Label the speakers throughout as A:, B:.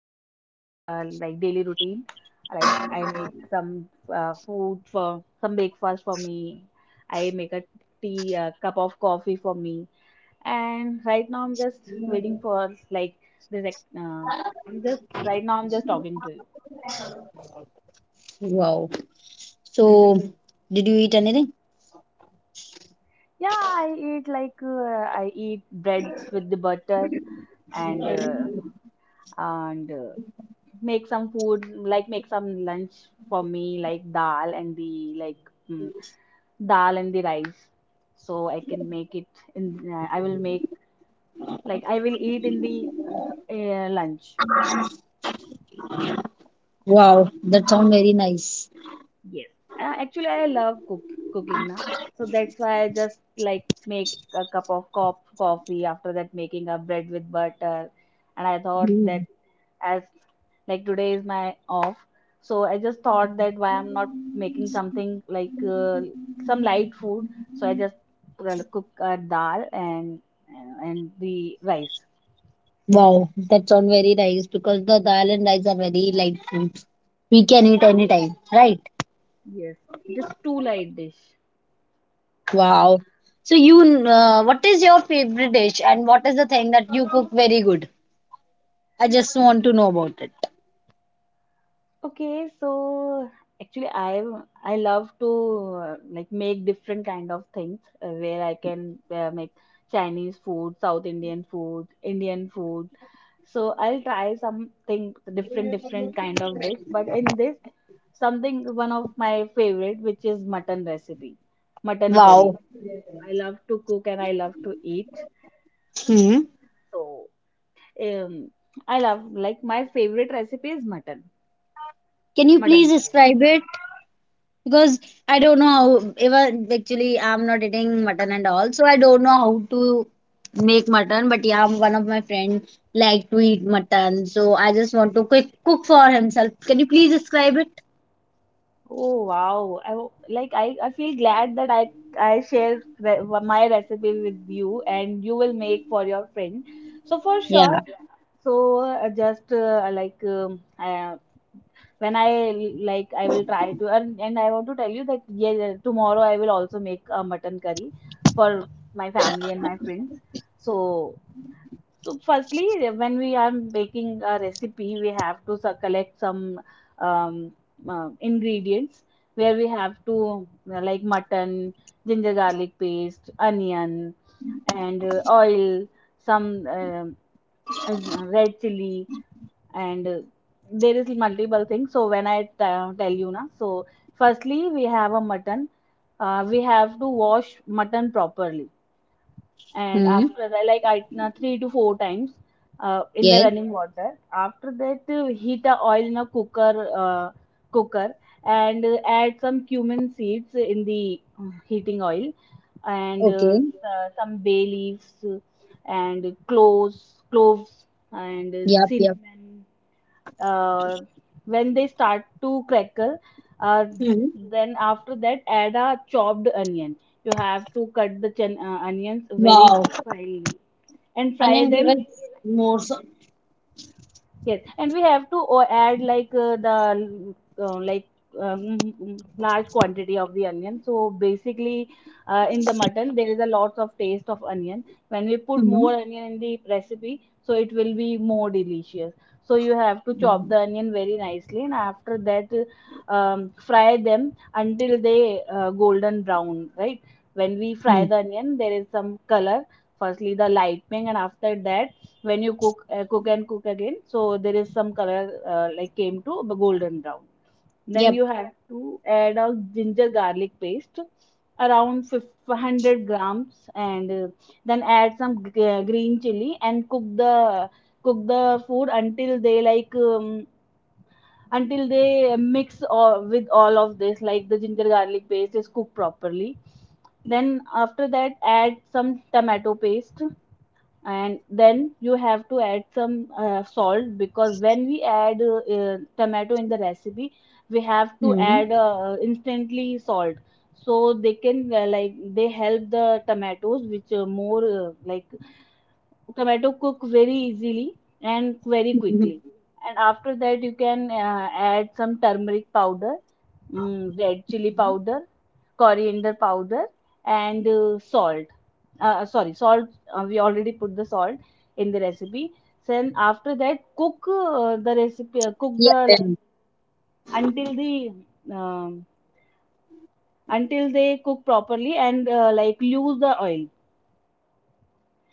A: some my like daily routine. Like I make some food for some breakfast for me. I make a tea, a cup of coffee for me. And right now I'm just waiting for like this. Ex- I'm just right now I'm just talking to you.
B: Wow. So, did you eat anything?
A: Yeah, I eat like I eat bread with the butter and uh, and make some food like make some lunch for me like dal and the like mm, dal and the rice. So I can make it in I will make like I will eat in the lunch.
B: Wow. That sounds very nice.
A: Yes, actually, I love cooking now, so that's why I just like make a cup of coffee, after that making a bread with butter, and I thought
B: Hmm.
A: that as like today is my off, so I just thought that why I'm not making something like some light food, so I just well, cook a dal and the rice.
B: Wow. That sounds very nice because the dal and rice are very light foods. We can eat anytime, right?
A: Yes, it is too light dish.
B: Wow. So you, what is your favorite dish and what is the thing that you cook very good? I just want to know about it.
A: Okay, so actually I love to like make different kind of things where I can make Chinese food, South Indian food, Indian food. So I'll try something different kind of dish, but in this something one of my favorite which is mutton recipe, mutton curry.
B: Wow.
A: I love to cook and I love to eat.
B: Hmm.
A: So um I love like my favorite recipe is mutton,
B: Can you
A: mutton
B: please
A: curry.
B: describe it? Because I don't know how even actually I'm not eating mutton and all, so I don't know how to make mutton. But yeah, one of my friend like to eat mutton, so I just want to quick cook for himself. Can you please describe it?
A: Oh wow. Like I feel glad that I share my recipe with you and you will make for your friend. So for sure.
B: Yeah.
A: So just like when I like I will try to and I want to tell you that yeah tomorrow I will also make a mutton curry for my family and my friends. So so firstly, when we are making a recipe, we have to collect some um, ingredients where we have to like mutton, ginger garlic paste, onion, and oil, some red chili, and there is multiple things. So, when I tell you na, so firstly we have a mutton. We have to wash mutton properly and
B: Hmm.
A: after that, like I na 3 to 4 times in the
B: Yes.
A: running water. After that, heat the oil in a cooker and add some cumin seeds in the heating oil and
B: Okay.
A: some bay leaves and cloves and
B: Yep. Yep.
A: cinnamon, uh, when they start to crackle, uh,
B: Hmm.
A: then after that add a chopped onion. You have to cut the onions very
B: Wow.
A: finely and
B: And
A: fry
B: then give
A: them.
B: us more. So-
A: Yes, and we have to add like the like large quantity of the onion. So basically, in the mutton there is a lot of taste of onion. When we put
B: hmm
A: more onion in the recipe, so it will be more delicious. So you have to chop the onion very nicely, and after that, fry them until they golden brown. Right? When we fry
B: hmm
A: the onion, there is some color. Firstly, the lightening, and after that when you cook and cook again, so there is some color like came to the golden brown. Then
B: Yep.
A: you have to add a ginger garlic paste around 500 grams, and then add some green chili and cook the food until they like until they mix all, with all of this, like the ginger garlic paste is cooked properly. Then after that add some tomato paste, and then you have to add some salt, because when we add tomato in the recipe we have to
B: Hmm.
A: add instantly salt, so they can like they help the tomatoes which more like tomato cook very easily and very quickly.
B: Mhm.
A: And after that you can add some turmeric powder, red chili powder, coriander powder, and salt. Sorry, salt, we already put the salt in the recipe. Then after that cook the recipe cook the like
B: Yep.
A: until the um, until they cook properly and like lose the oil.
B: Yep.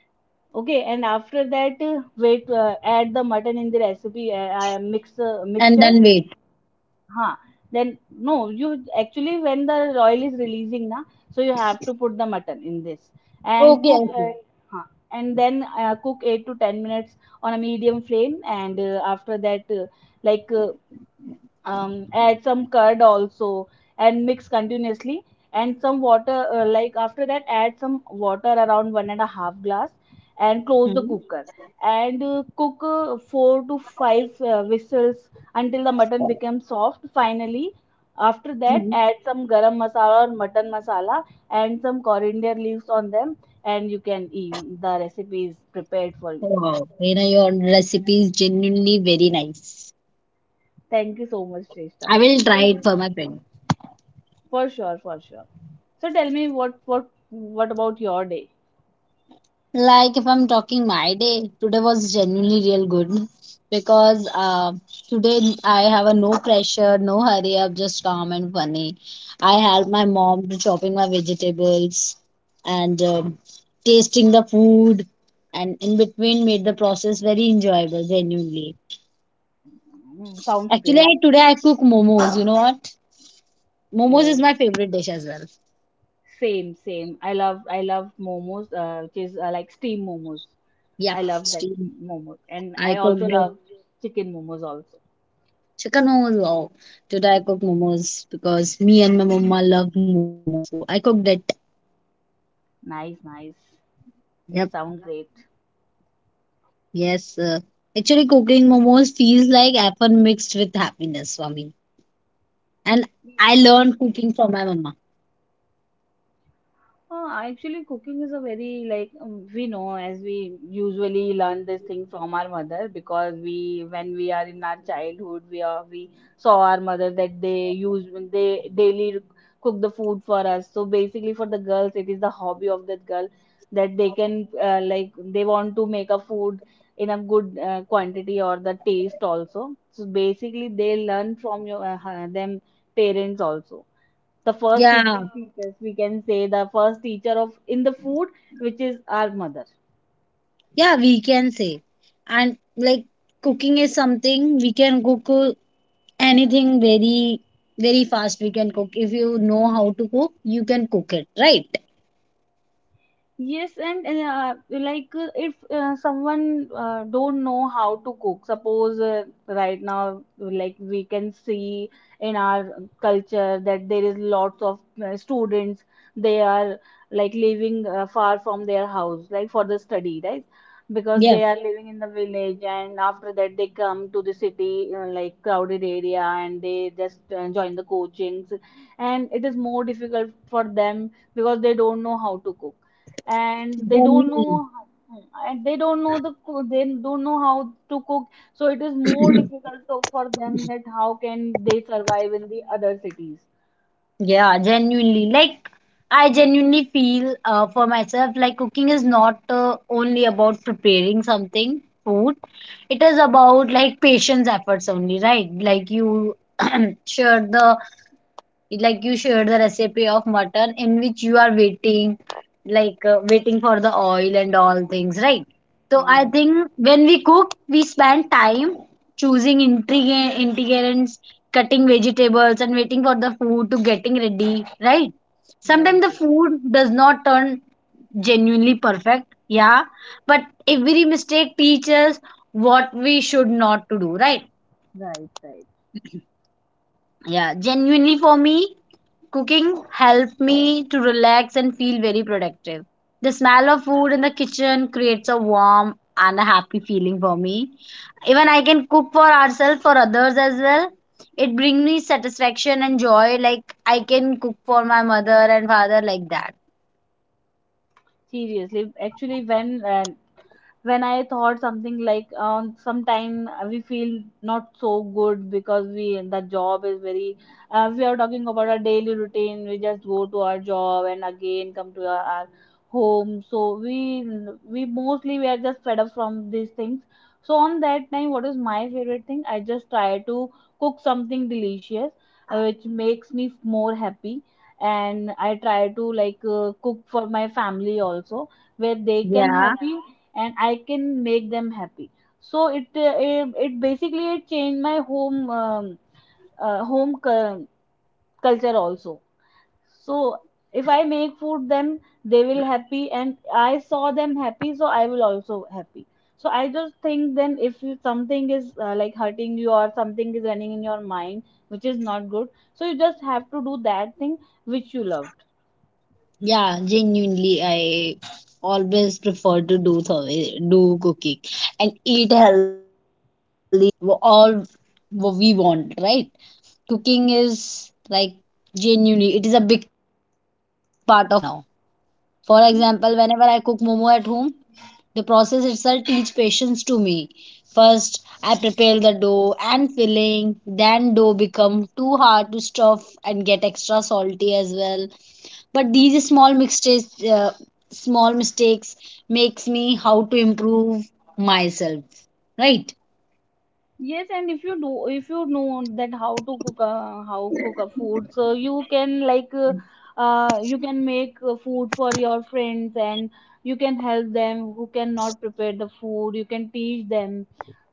A: Okay, and after that, add the mutton in the recipe,
B: And
A: mixture.
B: then wait.
A: Huh. Then no, you actually when the oil is releasing na, so you have to put the mutton in this and
B: Okay.
A: cook.
B: Okay.
A: Huh, and then cook 8 to 10 minutes on a medium flame, and after that, like uh, add some curd also and mix continuously and some water, like after that add some water around 1.5 glass and close the cooker and cook 4 to 5 whistles until the mutton becomes soft. Finally, after that
B: Hmm.
A: add some garam masala or mutton masala and some coriander leaves on them, and you can eat. The recipe is prepared for you.
B: Wow, you know, your recipe is genuinely very nice.
A: Thank you so much,
B: I
A: Shrestha.
B: will
A: So
B: try it for my friend.
A: for sure, for sure. So tell me what what about your day?
B: Like if I'm talking my day, today was genuinely real good because today I have a no pressure, no hurry up, just calm and funny. I help my mom to chopping my vegetables and tasting the food, and in between made the process very enjoyable. Genuinely,
A: Mm, sounds
B: actually,
A: great.
B: today I cook momos. You know what? Momos is my
A: Oh,
B: favorite dish as well.
A: same, same. I love momos, which is like steam momos.
B: Yep,
A: I love that
B: steam.
A: momos, and
B: I
A: I also
B: cooked it.
A: love chicken momos also.
B: Chicken momos. Wow. Today I cook momos because me and my mama love momos. So I cooked it.
A: Nice, nice. It
B: Yep.
A: sounds great.
B: Yes. Actually, cooking momos feels like effort mixed with happiness for me. And I learned cooking from my mama.
A: Actually, cooking is a very like we know, as we usually learn this thing from our mother, because we when we are in our childhood we are we saw our mother that they daily cook the food for us. So basically, for the girls, it is the hobby of that girl that they can like they want to make a food in a good quantity or the taste also. So basically, they learn from your them parents also, the first teacher,
B: Yeah.
A: yeah, teachers we can say, the first teacher of in the food which is our mother.
B: Yeah, we can say. And like cooking is something we can cook anything very, very fast. We can cook. If you know how to cook, you can cook it, right?
A: Yes, and like if someone don't know how to cook, suppose right now, like we can see in our culture that there is lots of students, they are like living far from their house, like for the study, right? Because
B: Yeah.
A: they are living in the village, and after that they come to the city, like crowded area, and they just join the coachings, and it is more difficult for them because they don't know how to cook and they
B: Then
A: don't
B: you
A: know they don't know how to cook, so it is more difficult for them that how can they survive in the other cities.
B: Yeah, genuinely. Like, I genuinely feel for myself like cooking is not only about preparing something, food. It is about like patience efforts only, right? Like you share the Like you shared the recipe of mutton in which you are waiting like waiting for the oil and all things, right? So I
A: Yes,
B: think
A: yes.
B: when we cook, we spend time choosing ingredients, cutting vegetables, and waiting for the food to getting ready, right?
A: Right,
B: Sometimes the
A: right,
B: food does not turn genuinely perfect, yeah, but every mistake teaches what we should not to do, right?
A: right.
B: Yeah, genuinely for me, cooking helped me to relax and feel very productive. The smell of food in the kitchen creates a warm and a happy feeling for me. Even I can cook for ourselves, for others as well. It brings me satisfaction and joy. Like I can cook for my mother and father like that.
A: Seriously, actually when I thought something like sometime we feel not so good, because we the job is very, we are talking about our daily routine, we just go to our job and again come to our home, so we mostly we are just fed up from these things. So on that time what is my favorite thing, I just try to cook something delicious, which makes me more happy, and I try to like cook for my family also, where they can
B: Yeah.
A: happy and I can make them happy. So it it, it basically it changed my home uh, home cu- culture also. So if I make food, then they will happy, and I saw them happy, so I will also happy. So I just think, then if you, something is like hurting you or something is running in your mind which is not good, so you just have to do that thing which you loved.
B: Yeah, genuinely, I always prefer to do do cooking and eat healthy w- all w- we want, right? Cooking is like genuinely, it is a big part of my daily routine now. For example, whenever I cook momo at home, the process itself teaches patience to me. First, I prepare the dough and filling, then dough become too hard to stuff and get extra salty as well. But these small mistakes, small mistakes makes me how to improve myself, right?
A: Yes, and if you do, if you know that how to cook, how cook a food, so you can like, you can make food for your friends, and you can help them who cannot prepare the food. You can teach them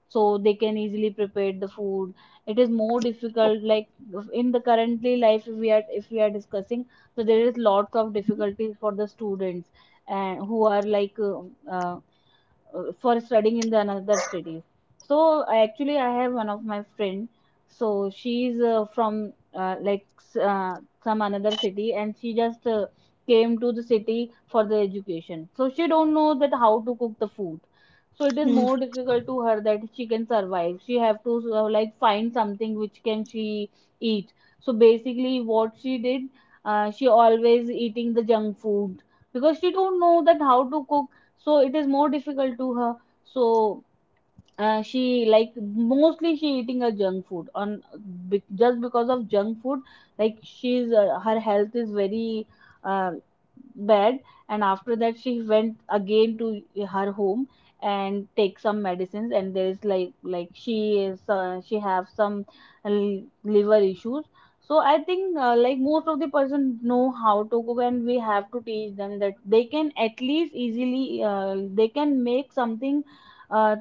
A: so they can easily prepare the food. It is more difficult, like in the currently life we are, if we are discussing, so there is lots of difficulties for the students and who are like uh, for studying in the another cities. So I actually I have one of my friend. So she's some another city, and she just came to the city for the education. So she don't know that how to cook the food. So it is more difficult to her that she can survive. She have to like find something which can she eat. So basically, what she did, she always eating the junk food because she don't know that how to cook so it is more difficult to her so she like mostly she eating a junk food on be, just because of junk food like she's her health is very uh, bad and after that she went again to her home and take some medicines and there is like she have some l- liver issues so I think like most of the person know how to cook and we have to teach them that they can at least easily they can make something uh,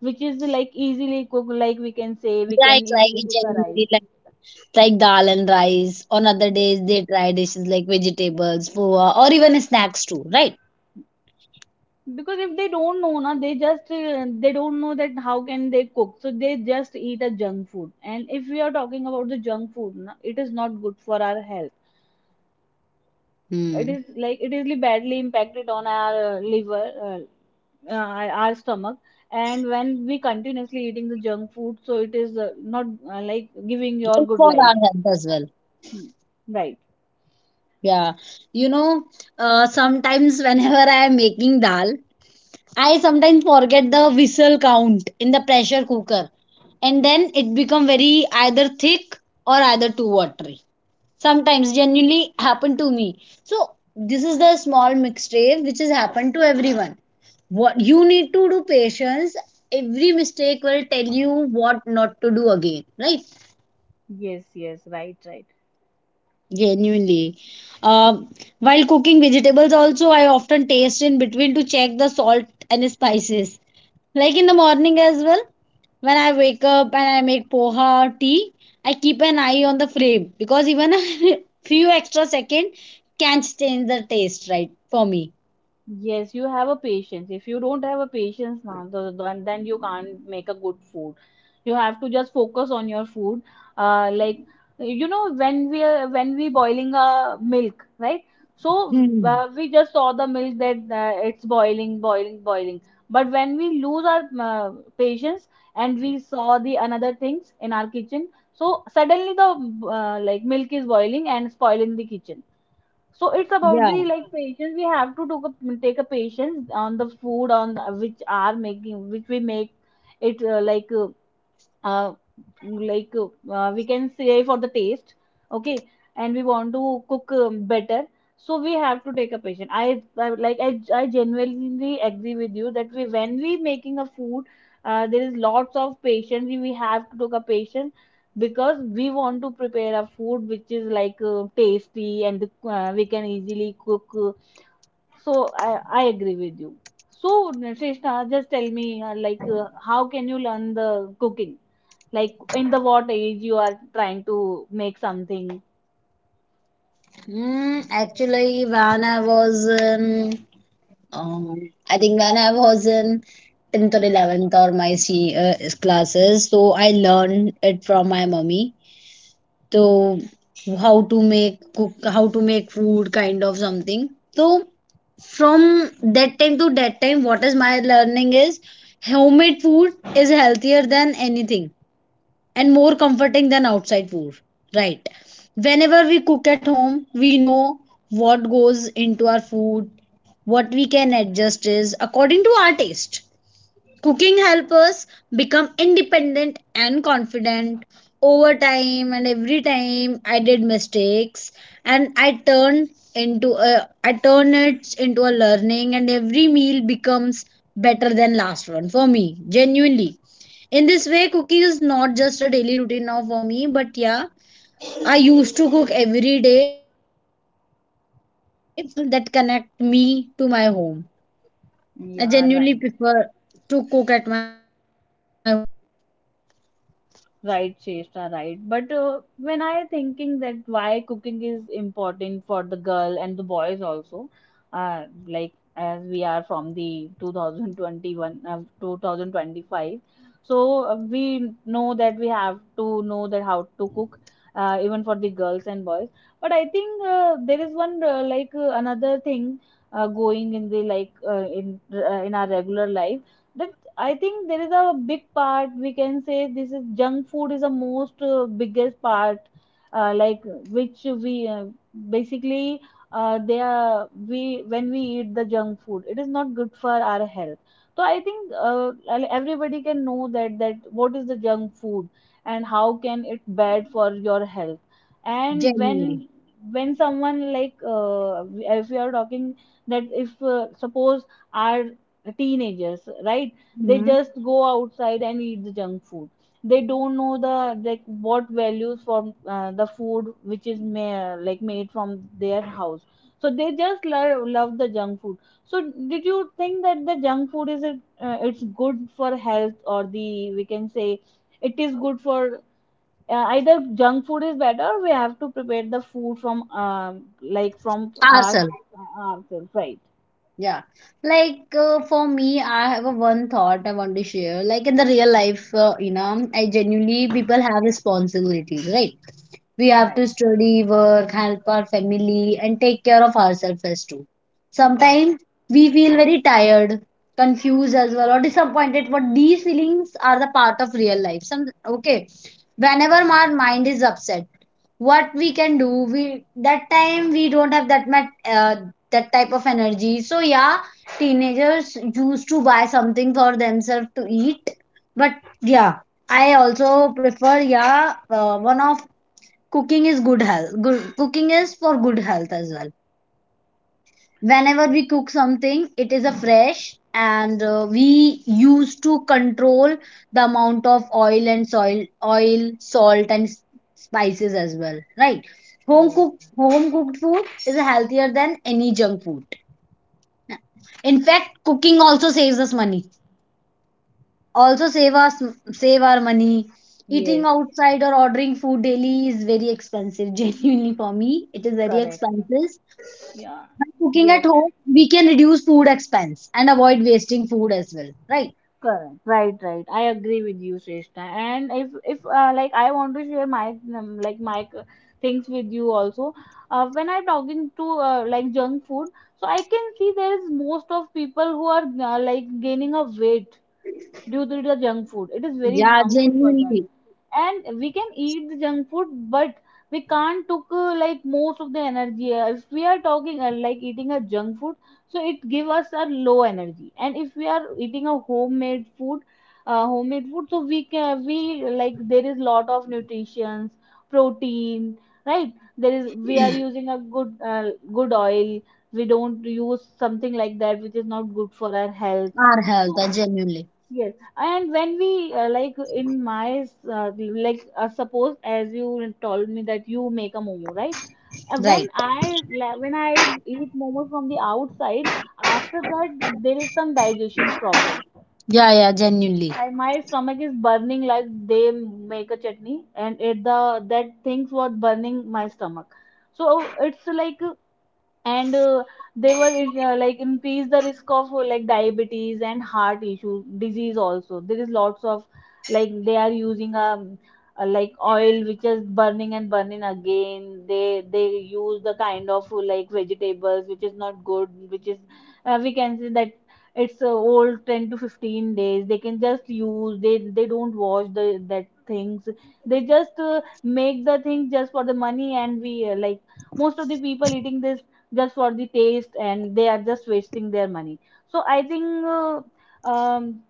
A: which is like easily cook like we can say we
B: Right,
A: can easily
B: like
A: cook a rice.
B: genuinely like dal and rice. On other
A: Yeah.
B: days, they try dishes like vegetables, poha, or even snacks too, right?
A: Because if they don't know na they just they don't know that how can they cook so they just eat a junk food and if we are talking about the junk food na, it is not good for our health. It
B: Hmm.
A: is like it is badly impacted on our liver, uh, our stomach and when we continuously eating the junk food so it is not uh, like giving your
B: Good
A: good
B: for
A: life.
B: our health as well.
A: Hmm. Right.
B: Yeah. You know, sometimes whenever I am making dal, I sometimes forget the whistle count in the pressure cooker. And then it become very either thick or either too watery. Sometimes genuinely happened to me, so this is the small mistake which has happened to everyone. What you need to do patience. Every mistake will tell you what not to do again, right?
A: Yes, yes, right, right.
B: Genuinely uh, while cooking vegetables also, I often taste in between to check the salt and spices. Like in the morning as well, when I wake up and I make poha tea, I keep an eye on the flame because even a few extra second can change the taste, right? For me.
A: Yes, you have a patience. If you don't have a patience now, then you can't make a good food. You have to just focus on your food. Like you know, when we boiling a milk, right? So
B: Hmm.
A: we just saw the milk that it's boiling, boiling, boiling. But when we lose our patience and we saw the another things in our kitchen, so suddenly the like milk is boiling and spoil in the kitchen so it's about the
B: Yeah.
A: like patience we have to take a patience on the food on which are making which we make it uh, we can say for the taste, okay, and we want to cook better so we have to take a patient. I genuinely agree with you that we when we making a food there is lots of patience we have to take a patient because we want to prepare a food which is like tasty and we can easily cook so I agree with you. So Shrishna, just tell me, how can you learn the cooking? Like, in the what age you are trying to make something?
B: Mm, actually, when I was in, um, I think when I was in 10th or 11th or my classes, so I learned it from my mummy. So how to make cook, how to make food, kind of something. So from that time to that time what is my learning is homemade food is healthier than anything and more comforting than outside food, right? Whenever we cook at home we know what goes into our food, what we can adjust is according to our taste. Cooking helps us become independent and confident. Over time and every time I did mistakes and I turn it into a learning, and every meal becomes better than last one for me, genuinely. In this way cooking is not just a daily routine now for me, but yeah, I used to cook every day for it is a life skill that connect me to my home. I
A: Yeah,
B: genuinely
A: right.
B: prefer to cook at my home.
A: Right, Cheshta, right. But when I thinking that why cooking is important for the girl and the boys also, like as we are from the 2021, 2025, so we know that we have to know that how to cook, even for the girls and boys. But I think there is one another thing going in the in our regular life. That. I think there is a big part we can say this is junk food is the most biggest part uh, like which we basically they are we when we eat the junk food it is not good for our health so I think everybody can know that that what is the junk food and how can it bad for your health and
B: Genuinely.
A: when someone if we are talking that if suppose our teenagers, right, they
B: Mhm.
A: just go outside and eat the junk food. They don't know the like what values from the food which is ma- like made from their house so they just lo- love the junk food so did you think that the junk food is it, it's good for health or the we can say it is good for either junk food is better. We have to prepare the food from like from our
B: Ourselves.
A: ourselves, right?
B: Yeah, like for me I have a one thought I want to share, like in the real life, you know, I genuinely people have responsibilities, right? We have to
A: Right,
B: study, work, help our family, and take care of ourselves as too.
A: right,
B: Sometimes we feel very tired, confused as well, or disappointed, but these feelings are the part of real life. Some okay. Whenever our mind is upset, what we can do, we that time we don't have that much that type of energy. So yeah, teenagers used to buy something for themselves to eat, but yeah. I also prefer yeah one of cooking is good health good cooking is for good health as well. Whenever we cook something it is a fresh and we used to control the amount of oil and soil oil salt and spices as well, right? home
A: right.
B: cooked home cooked food is healthier than any junk food. In fact, cooking also saves us money, also save us, save our money. Eating
A: Yes.
B: outside or ordering food daily is very expensive. Genuinely for me it is very
A: Correct.
B: expensive.
A: Yeah.
B: By cooking at
A: Yes.
B: home we can reduce food expense and avoid wasting food as well, right?
A: Correct. Right. Right. I agree with you, Shrestha. And if like I want to share my like my c- things with you also. When I'm talking to like junk food, so I can see there is most of people who are like gaining a weight due to the junk food. It is very
B: Yeah,
A: harmful for them.
B: genuinely.
A: And we can eat the junk food, but we can't took like most of the energy. If we are talking like eating a junk food, so it give us a low energy. And if we are eating a homemade food, so we can we like there is lot of nutritions, protein, right? There is we are using a good good oil. We don't use something like that which is not good for our health.
B: Our health,
A: So
B: genuinely.
A: yes, and when we like in my like suppose as you told me that you make a momo, right? When
B: Right.
A: I la- when I eat momo from the outside, after that there is some digestion problem.
B: Yeah, yeah, genuinely.
A: My stomach is burning like they make a chutney, and it the that things was burning my stomach. So it's like and they were like increase the risk of like diabetes and heart issue disease also there is lots of like they are using a like oil which is burning and burning again they use the kind of like vegetables which is not good which is we can say that it's old 10 to 15 days they can just use they don't wash the that things they just make the thing just for the money and we like most of the people eating this just for the taste and they are just wasting their money so I think um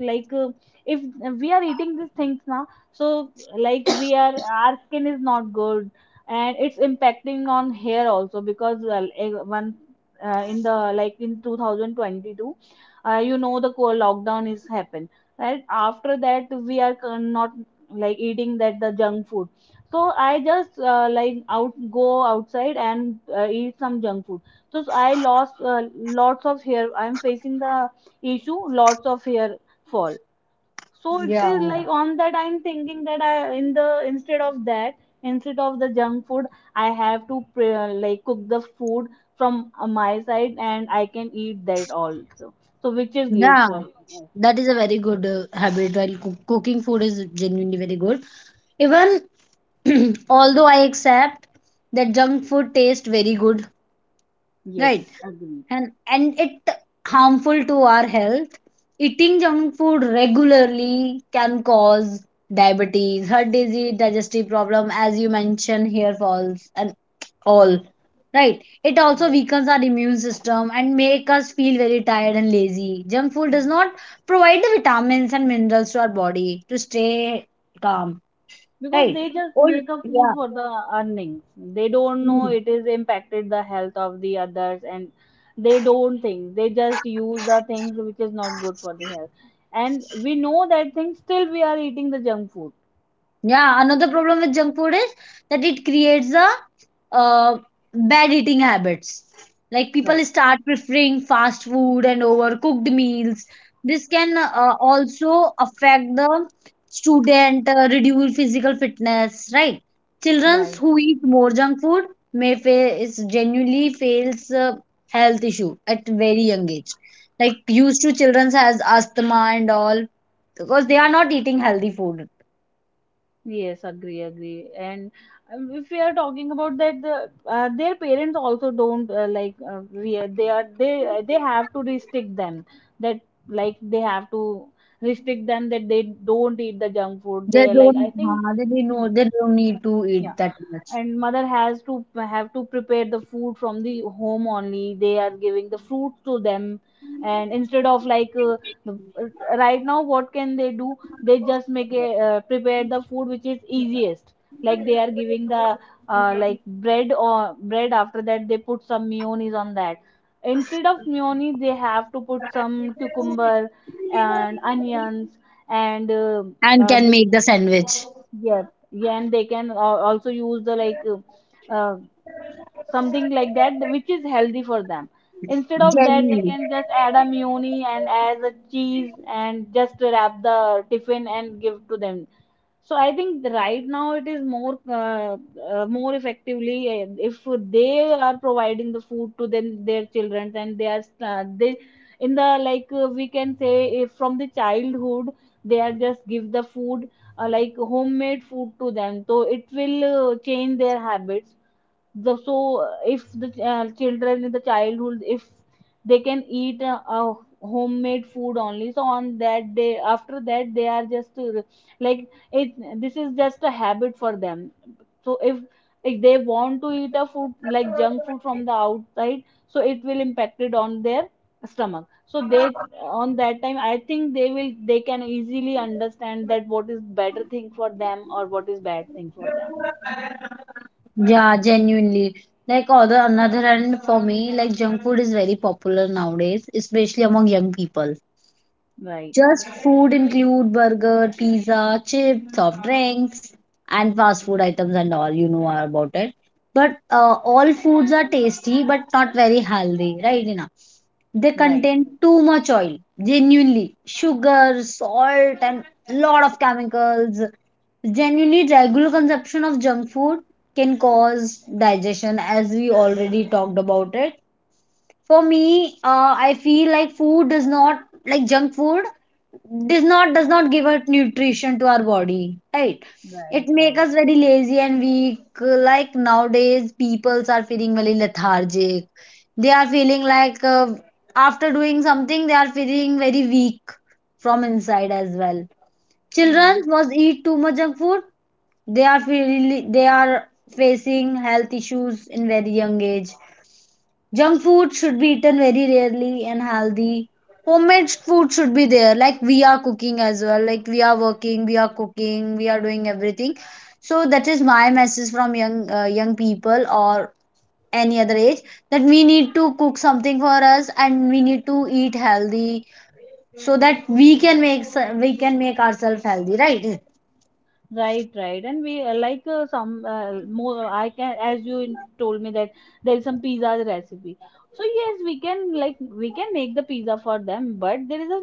A: like uh, if we are eating these things now so like we are our skin is not good and it's impacting on hair also because well, eh, one in the like in 2022, you know the co- lockdown is happened, right? After that we are con- not like eating that the junk food so I just like out go outside and eat some junk food. So I lost lots of hair. I'm facing the issue, lots of hair fall. So it
B: Yeah.
A: is like on that I'm thinking that I in the instead of that instead of the junk food I have to pre- like cook the food from my side and I can eat that also. So which is great
B: Yeah,
A: for.
B: that is a very good habit while cooking food is genuinely very good. Even although I accept that junk food tastes very good, right?
A: Yes, agreed.
B: And it harmful to our health. Eating junk food regularly can cause diabetes, heart disease, digestive problem as you mentioned here, falls and all, right? It also
A: Yes.
B: weakens our immune system and make us feel very tired and lazy. Junk food does not provide the vitamins and minerals to our body to stay calm,
A: Because
B: right?
A: they just
B: Oh,
A: make up food
B: yeah.
A: for the earnings. They don't know
B: Hmm.
A: it is impacted the health of the others and they don't think. They just use the things which is not good for the health and we know that thing still we are eating the junk food.
B: Yeah, another problem with junk food is that it creates a uh, bad eating habits. Like
A: Right.
B: people start preferring fast food and overcooked meals. This can also affect the student, reduce physical fitness, right? Children
A: Right.
B: who eat more junk food may face genuinely fails health issue at very young age. Like used to children has asthma and all because they are not eating healthy food.
A: Yes, agree, agree. And if we are talking about that, the, their parents also don't like we are they have to restrict them that like they have to restrict them that they don't eat the junk food.
B: They
A: They like I
B: don't,
A: think,
B: they didn't know
A: hmm,
B: they don't need to
A: yeah,
B: eat that much
A: and mother has to have to prepare the food from the home only they are giving the fruit to them and instead of right now what can they do they just make a prepare the food which is easiest like they are giving the like bread after that they put some mayonnaise on that, instead of mayonnaise they have to put some cucumber and onions and
B: and can
A: they
B: make the sandwich.
A: Yes, yeah, and they can also use the something like that which is healthy for them instead of that they
B: Genuinely.
A: can just add a muni and as a cheese and just wrap the tiffin and give to them so I think right now it is more effectively if they are providing the food to them their children and they are they in the like we can say if from the childhood they are just give the food like homemade food to them so it will change their habits the, so if the children in the childhood if they can eat homemade food only so on that day after that they are just like it this is just a habit for them so if they want to eat a food like junk food from the outside so it will impact it on their stomach so they on that time I think they will they can easily understand that what is better thing for them or what is bad thing for them.
B: Yeah, genuinely. Like other another hand for me, like junk food is very popular nowadays, especially among young people.
A: Right,
B: Just food include burger, pizza, chips, soft drinks, and fast food items and all. You know about it. But all foods are tasty, but not very healthy, right? Enough. They
A: right.
B: contain too much oil, genuinely. Sugar, salt, and lot of chemicals. Genuinely, regular consumption of junk food can cause digestion, as we already talked about it. For me, I feel like food does not like junk food does not give out nutrition to our body, right?
A: Right,
B: It make
A: right.
B: us very lazy and weak. Like nowadays peoples are feeling very lethargic. They are feeling like after doing something they are feeling very weak from inside as well. Children
A: Mm.
B: must eat too much junk food. They are feeling they are facing health issues in very young age. Junk food should be eaten very rarely and healthy. Homemade food should be there, like we are cooking as well. Like we are working, we are cooking, we are doing everything. So that is my message from young young people or any other age that we need to cook something for us and we need to eat healthy so that we can we can make ourselves healthy, right?
A: Right, right, and we some more. I can, as you in- told me that there is some pizza recipe. So yes, we can like we can make the pizza for them, but there is a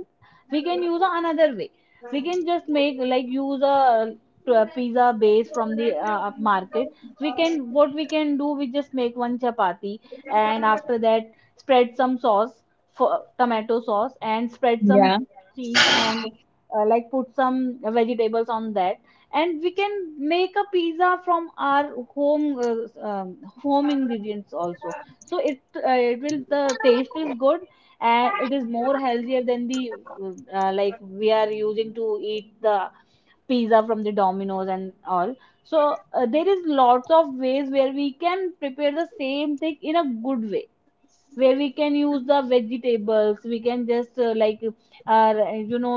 A: we can use a another way. We can just make like use a, pizza base from the market. We can what we can do. We just make one chapati, and after that spread some sauce for tomato sauce and spread
B: Yeah.
A: some cheese and like put some vegetables on that and we can make a pizza from our home home ingredients also so it will the taste is good and it is more healthier than the like we are using to eat the pizza from the Domino's and all. So there is lots of ways where we can prepare the same thing in a good way where we can use the vegetables we can just like uh, you know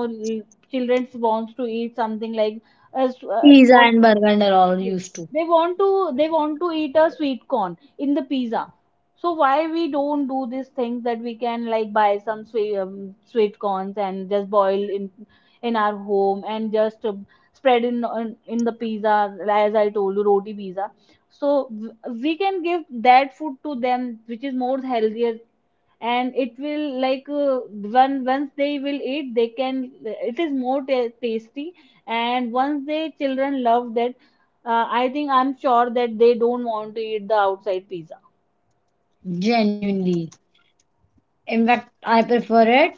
A: children wants to eat something like uh,
B: Pizza
A: what.
B: and burger are all
A: Yes,
B: used to
A: they want to eat a sweet corn in the pizza, so why we don't do this thing that we can like buy some sweet sweet corns and just boil in our home and just spread in in the pizza as I told you roti pizza so we can give that food to them which is more healthier and it will like when once they will eat they can it is more ta tasty and once they children love that. I think I'm sure that they don't want to eat the outside pizza.
B: genuinely. In fact, I prefer it.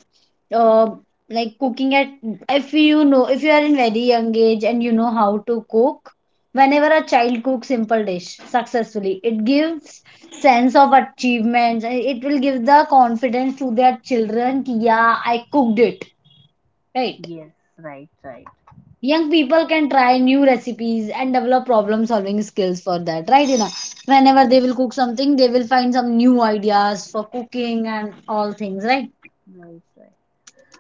B: Uh, like cooking at if you know if you are in very young age and you know how to cook. Whenever a child cooks simple dish successfully, it gives sense of achievement. And it will give the confidence to their children. Ki, yeah, I cooked it. Right.
A: Yes, right, right,
B: Young people can try new recipes and develop problem solving skills for that. Right, Ina? Whenever
A: right,
B: they will cook something, they will find some new ideas for cooking and all things. Right,
A: right, right.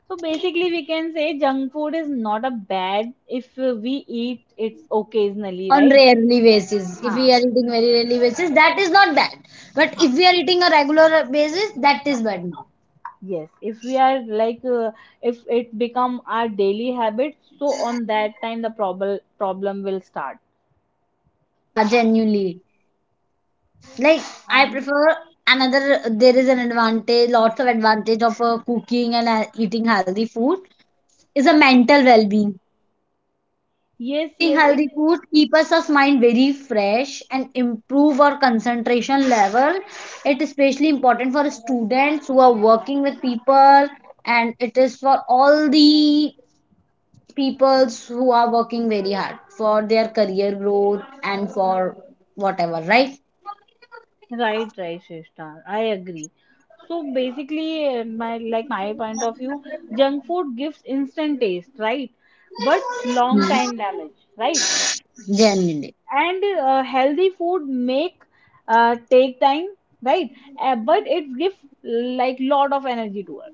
A: So basically we can say junk food is not a bad if we eat it occasionally,
B: on
A: right?
B: rarely basis, if we are
A: हाँ.
B: eating very rarely basis that is not bad, but if we are
A: हाँ.
B: eating a regular basis that is bad now.
A: Yes, if we are like if it become our daily habit, so on that time the problem will start.
B: Yeah, genuinely. Like, I
A: And
B: prefer another there is an advantage lots of advantage of cooking and eating healthy food is a mental well-being. Right. Eating
A: yes,
B: healthy
A: yes, it
B: food keeps us mind very fresh and improve our concentration level. It is especially important for students who are working with people and it is for all the peoples who are working very hard for their career growth and for whatever, right?
A: right, right, Shrishta, I agree. So basically, my like my point of view, junk food gives instant taste, right? But long
B: Hmm.
A: time damage, right?
B: Genuinely.
A: And healthy food make take time, right? But it gives like lot of energy to us.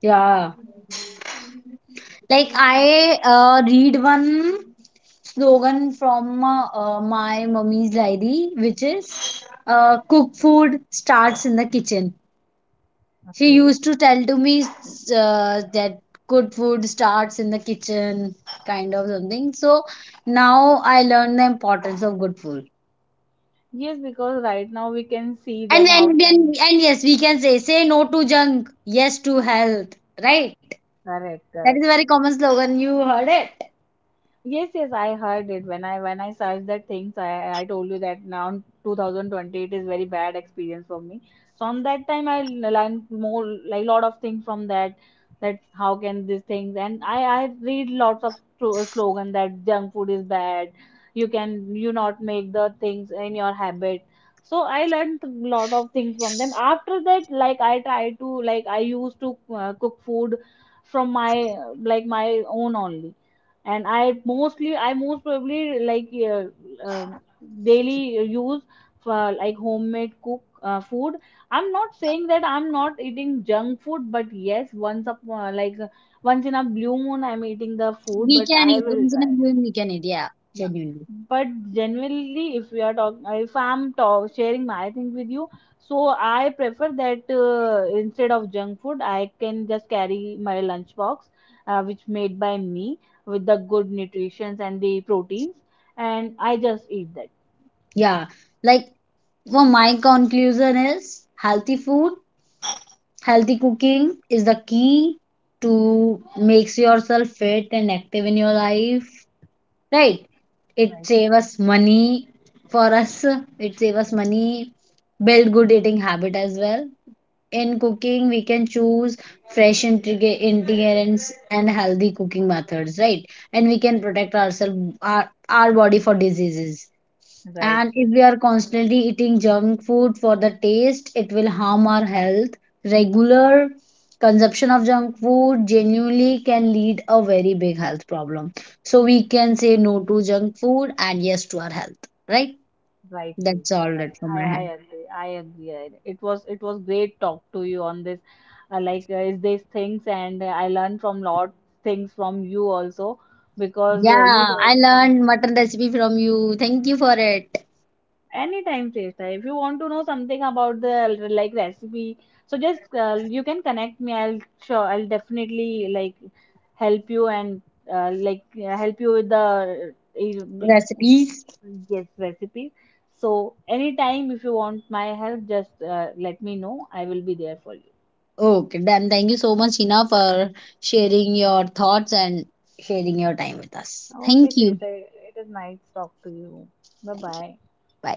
B: Yeah. Like I read one slogan from my mummy's lady, which is cook food starts in the kitchen. She
A: Okay.
B: used to tell to me that good food starts in the kitchen, kind of something. So now I learn the importance of good food.
A: Yes, because right now we can see
B: And
A: that
B: and
A: how can
B: and, and yes, we can say say no to junk, yes to health, right?
A: correct,
B: That is a
A: correct.
B: very common slogan. You heard it.
A: Yes, yes, I heard it when I searched that things. I told you that now in 2020 it is very bad experience for me. So on that time I learned more like lot of things from that, that how can these things and I read lots of slogan that junk food is bad. You can you not make the things in your habit. So I learned a lot of things from them. After that, like I used to cook food from my like my own only and i most probably like uh, um, daily use for like homemade cook food. I'm not saying that I'm not eating junk food, but yes once up once in a blue moon I'm eating the food,
B: We
A: but
B: can
A: I
B: eat.
A: will
B: Once in a
A: try.
B: blue moon, we can eat. Yeah,
A: Yeah,
B: genuinely.
A: but generally if we are talking, if sharing my thing with you, so I prefer that instead of junk food I can just carry my lunch box which made by me with the good nutritions and the proteins and I just eat that.
B: Yeah, like so my conclusion is healthy food, healthy cooking is the key to makes yourself fit and active in your life, right? It
A: Right.
B: saves us money for us. It saves us money, build good eating habit as well. In cooking, we can choose fresh ingredients and healthy cooking methods, right? And we can protect ourselves, our body for diseases
A: Right,
B: and if
A: Shreyas.
B: we are constantly eating junk food for the taste, it will harm our health. Regular consumption of junk food genuinely can lead a very big health problem. So we can say no to junk food and yes to our health, right?
A: Right,
B: That's
A: Shrestha,
B: all that
A: right.
B: from my
A: I
B: hand.
A: agree. I agree. It was great talk to you on this. Is these things, and I learned from lot things from you also because you
B: Yeah,
A: told
B: I
A: me
B: learned
A: something.
B: mutton recipe from you. Thank you for it.
A: Anytime, Shrestha. If you want to know something about the like recipe, so just you can connect me. I'll definitely like help you and help you with the uh,
B: Recipes.
A: yes recipe. So anytime if you want my help, just let me know. I will be there for you.
B: Okay, then thank you so much, Hina, for sharing your thoughts and sharing your time with us.
A: Okay,
B: Thank you.
A: Shrestha. It is nice talk to you. Bye
B: Thank you.
A: bye.
B: Bye.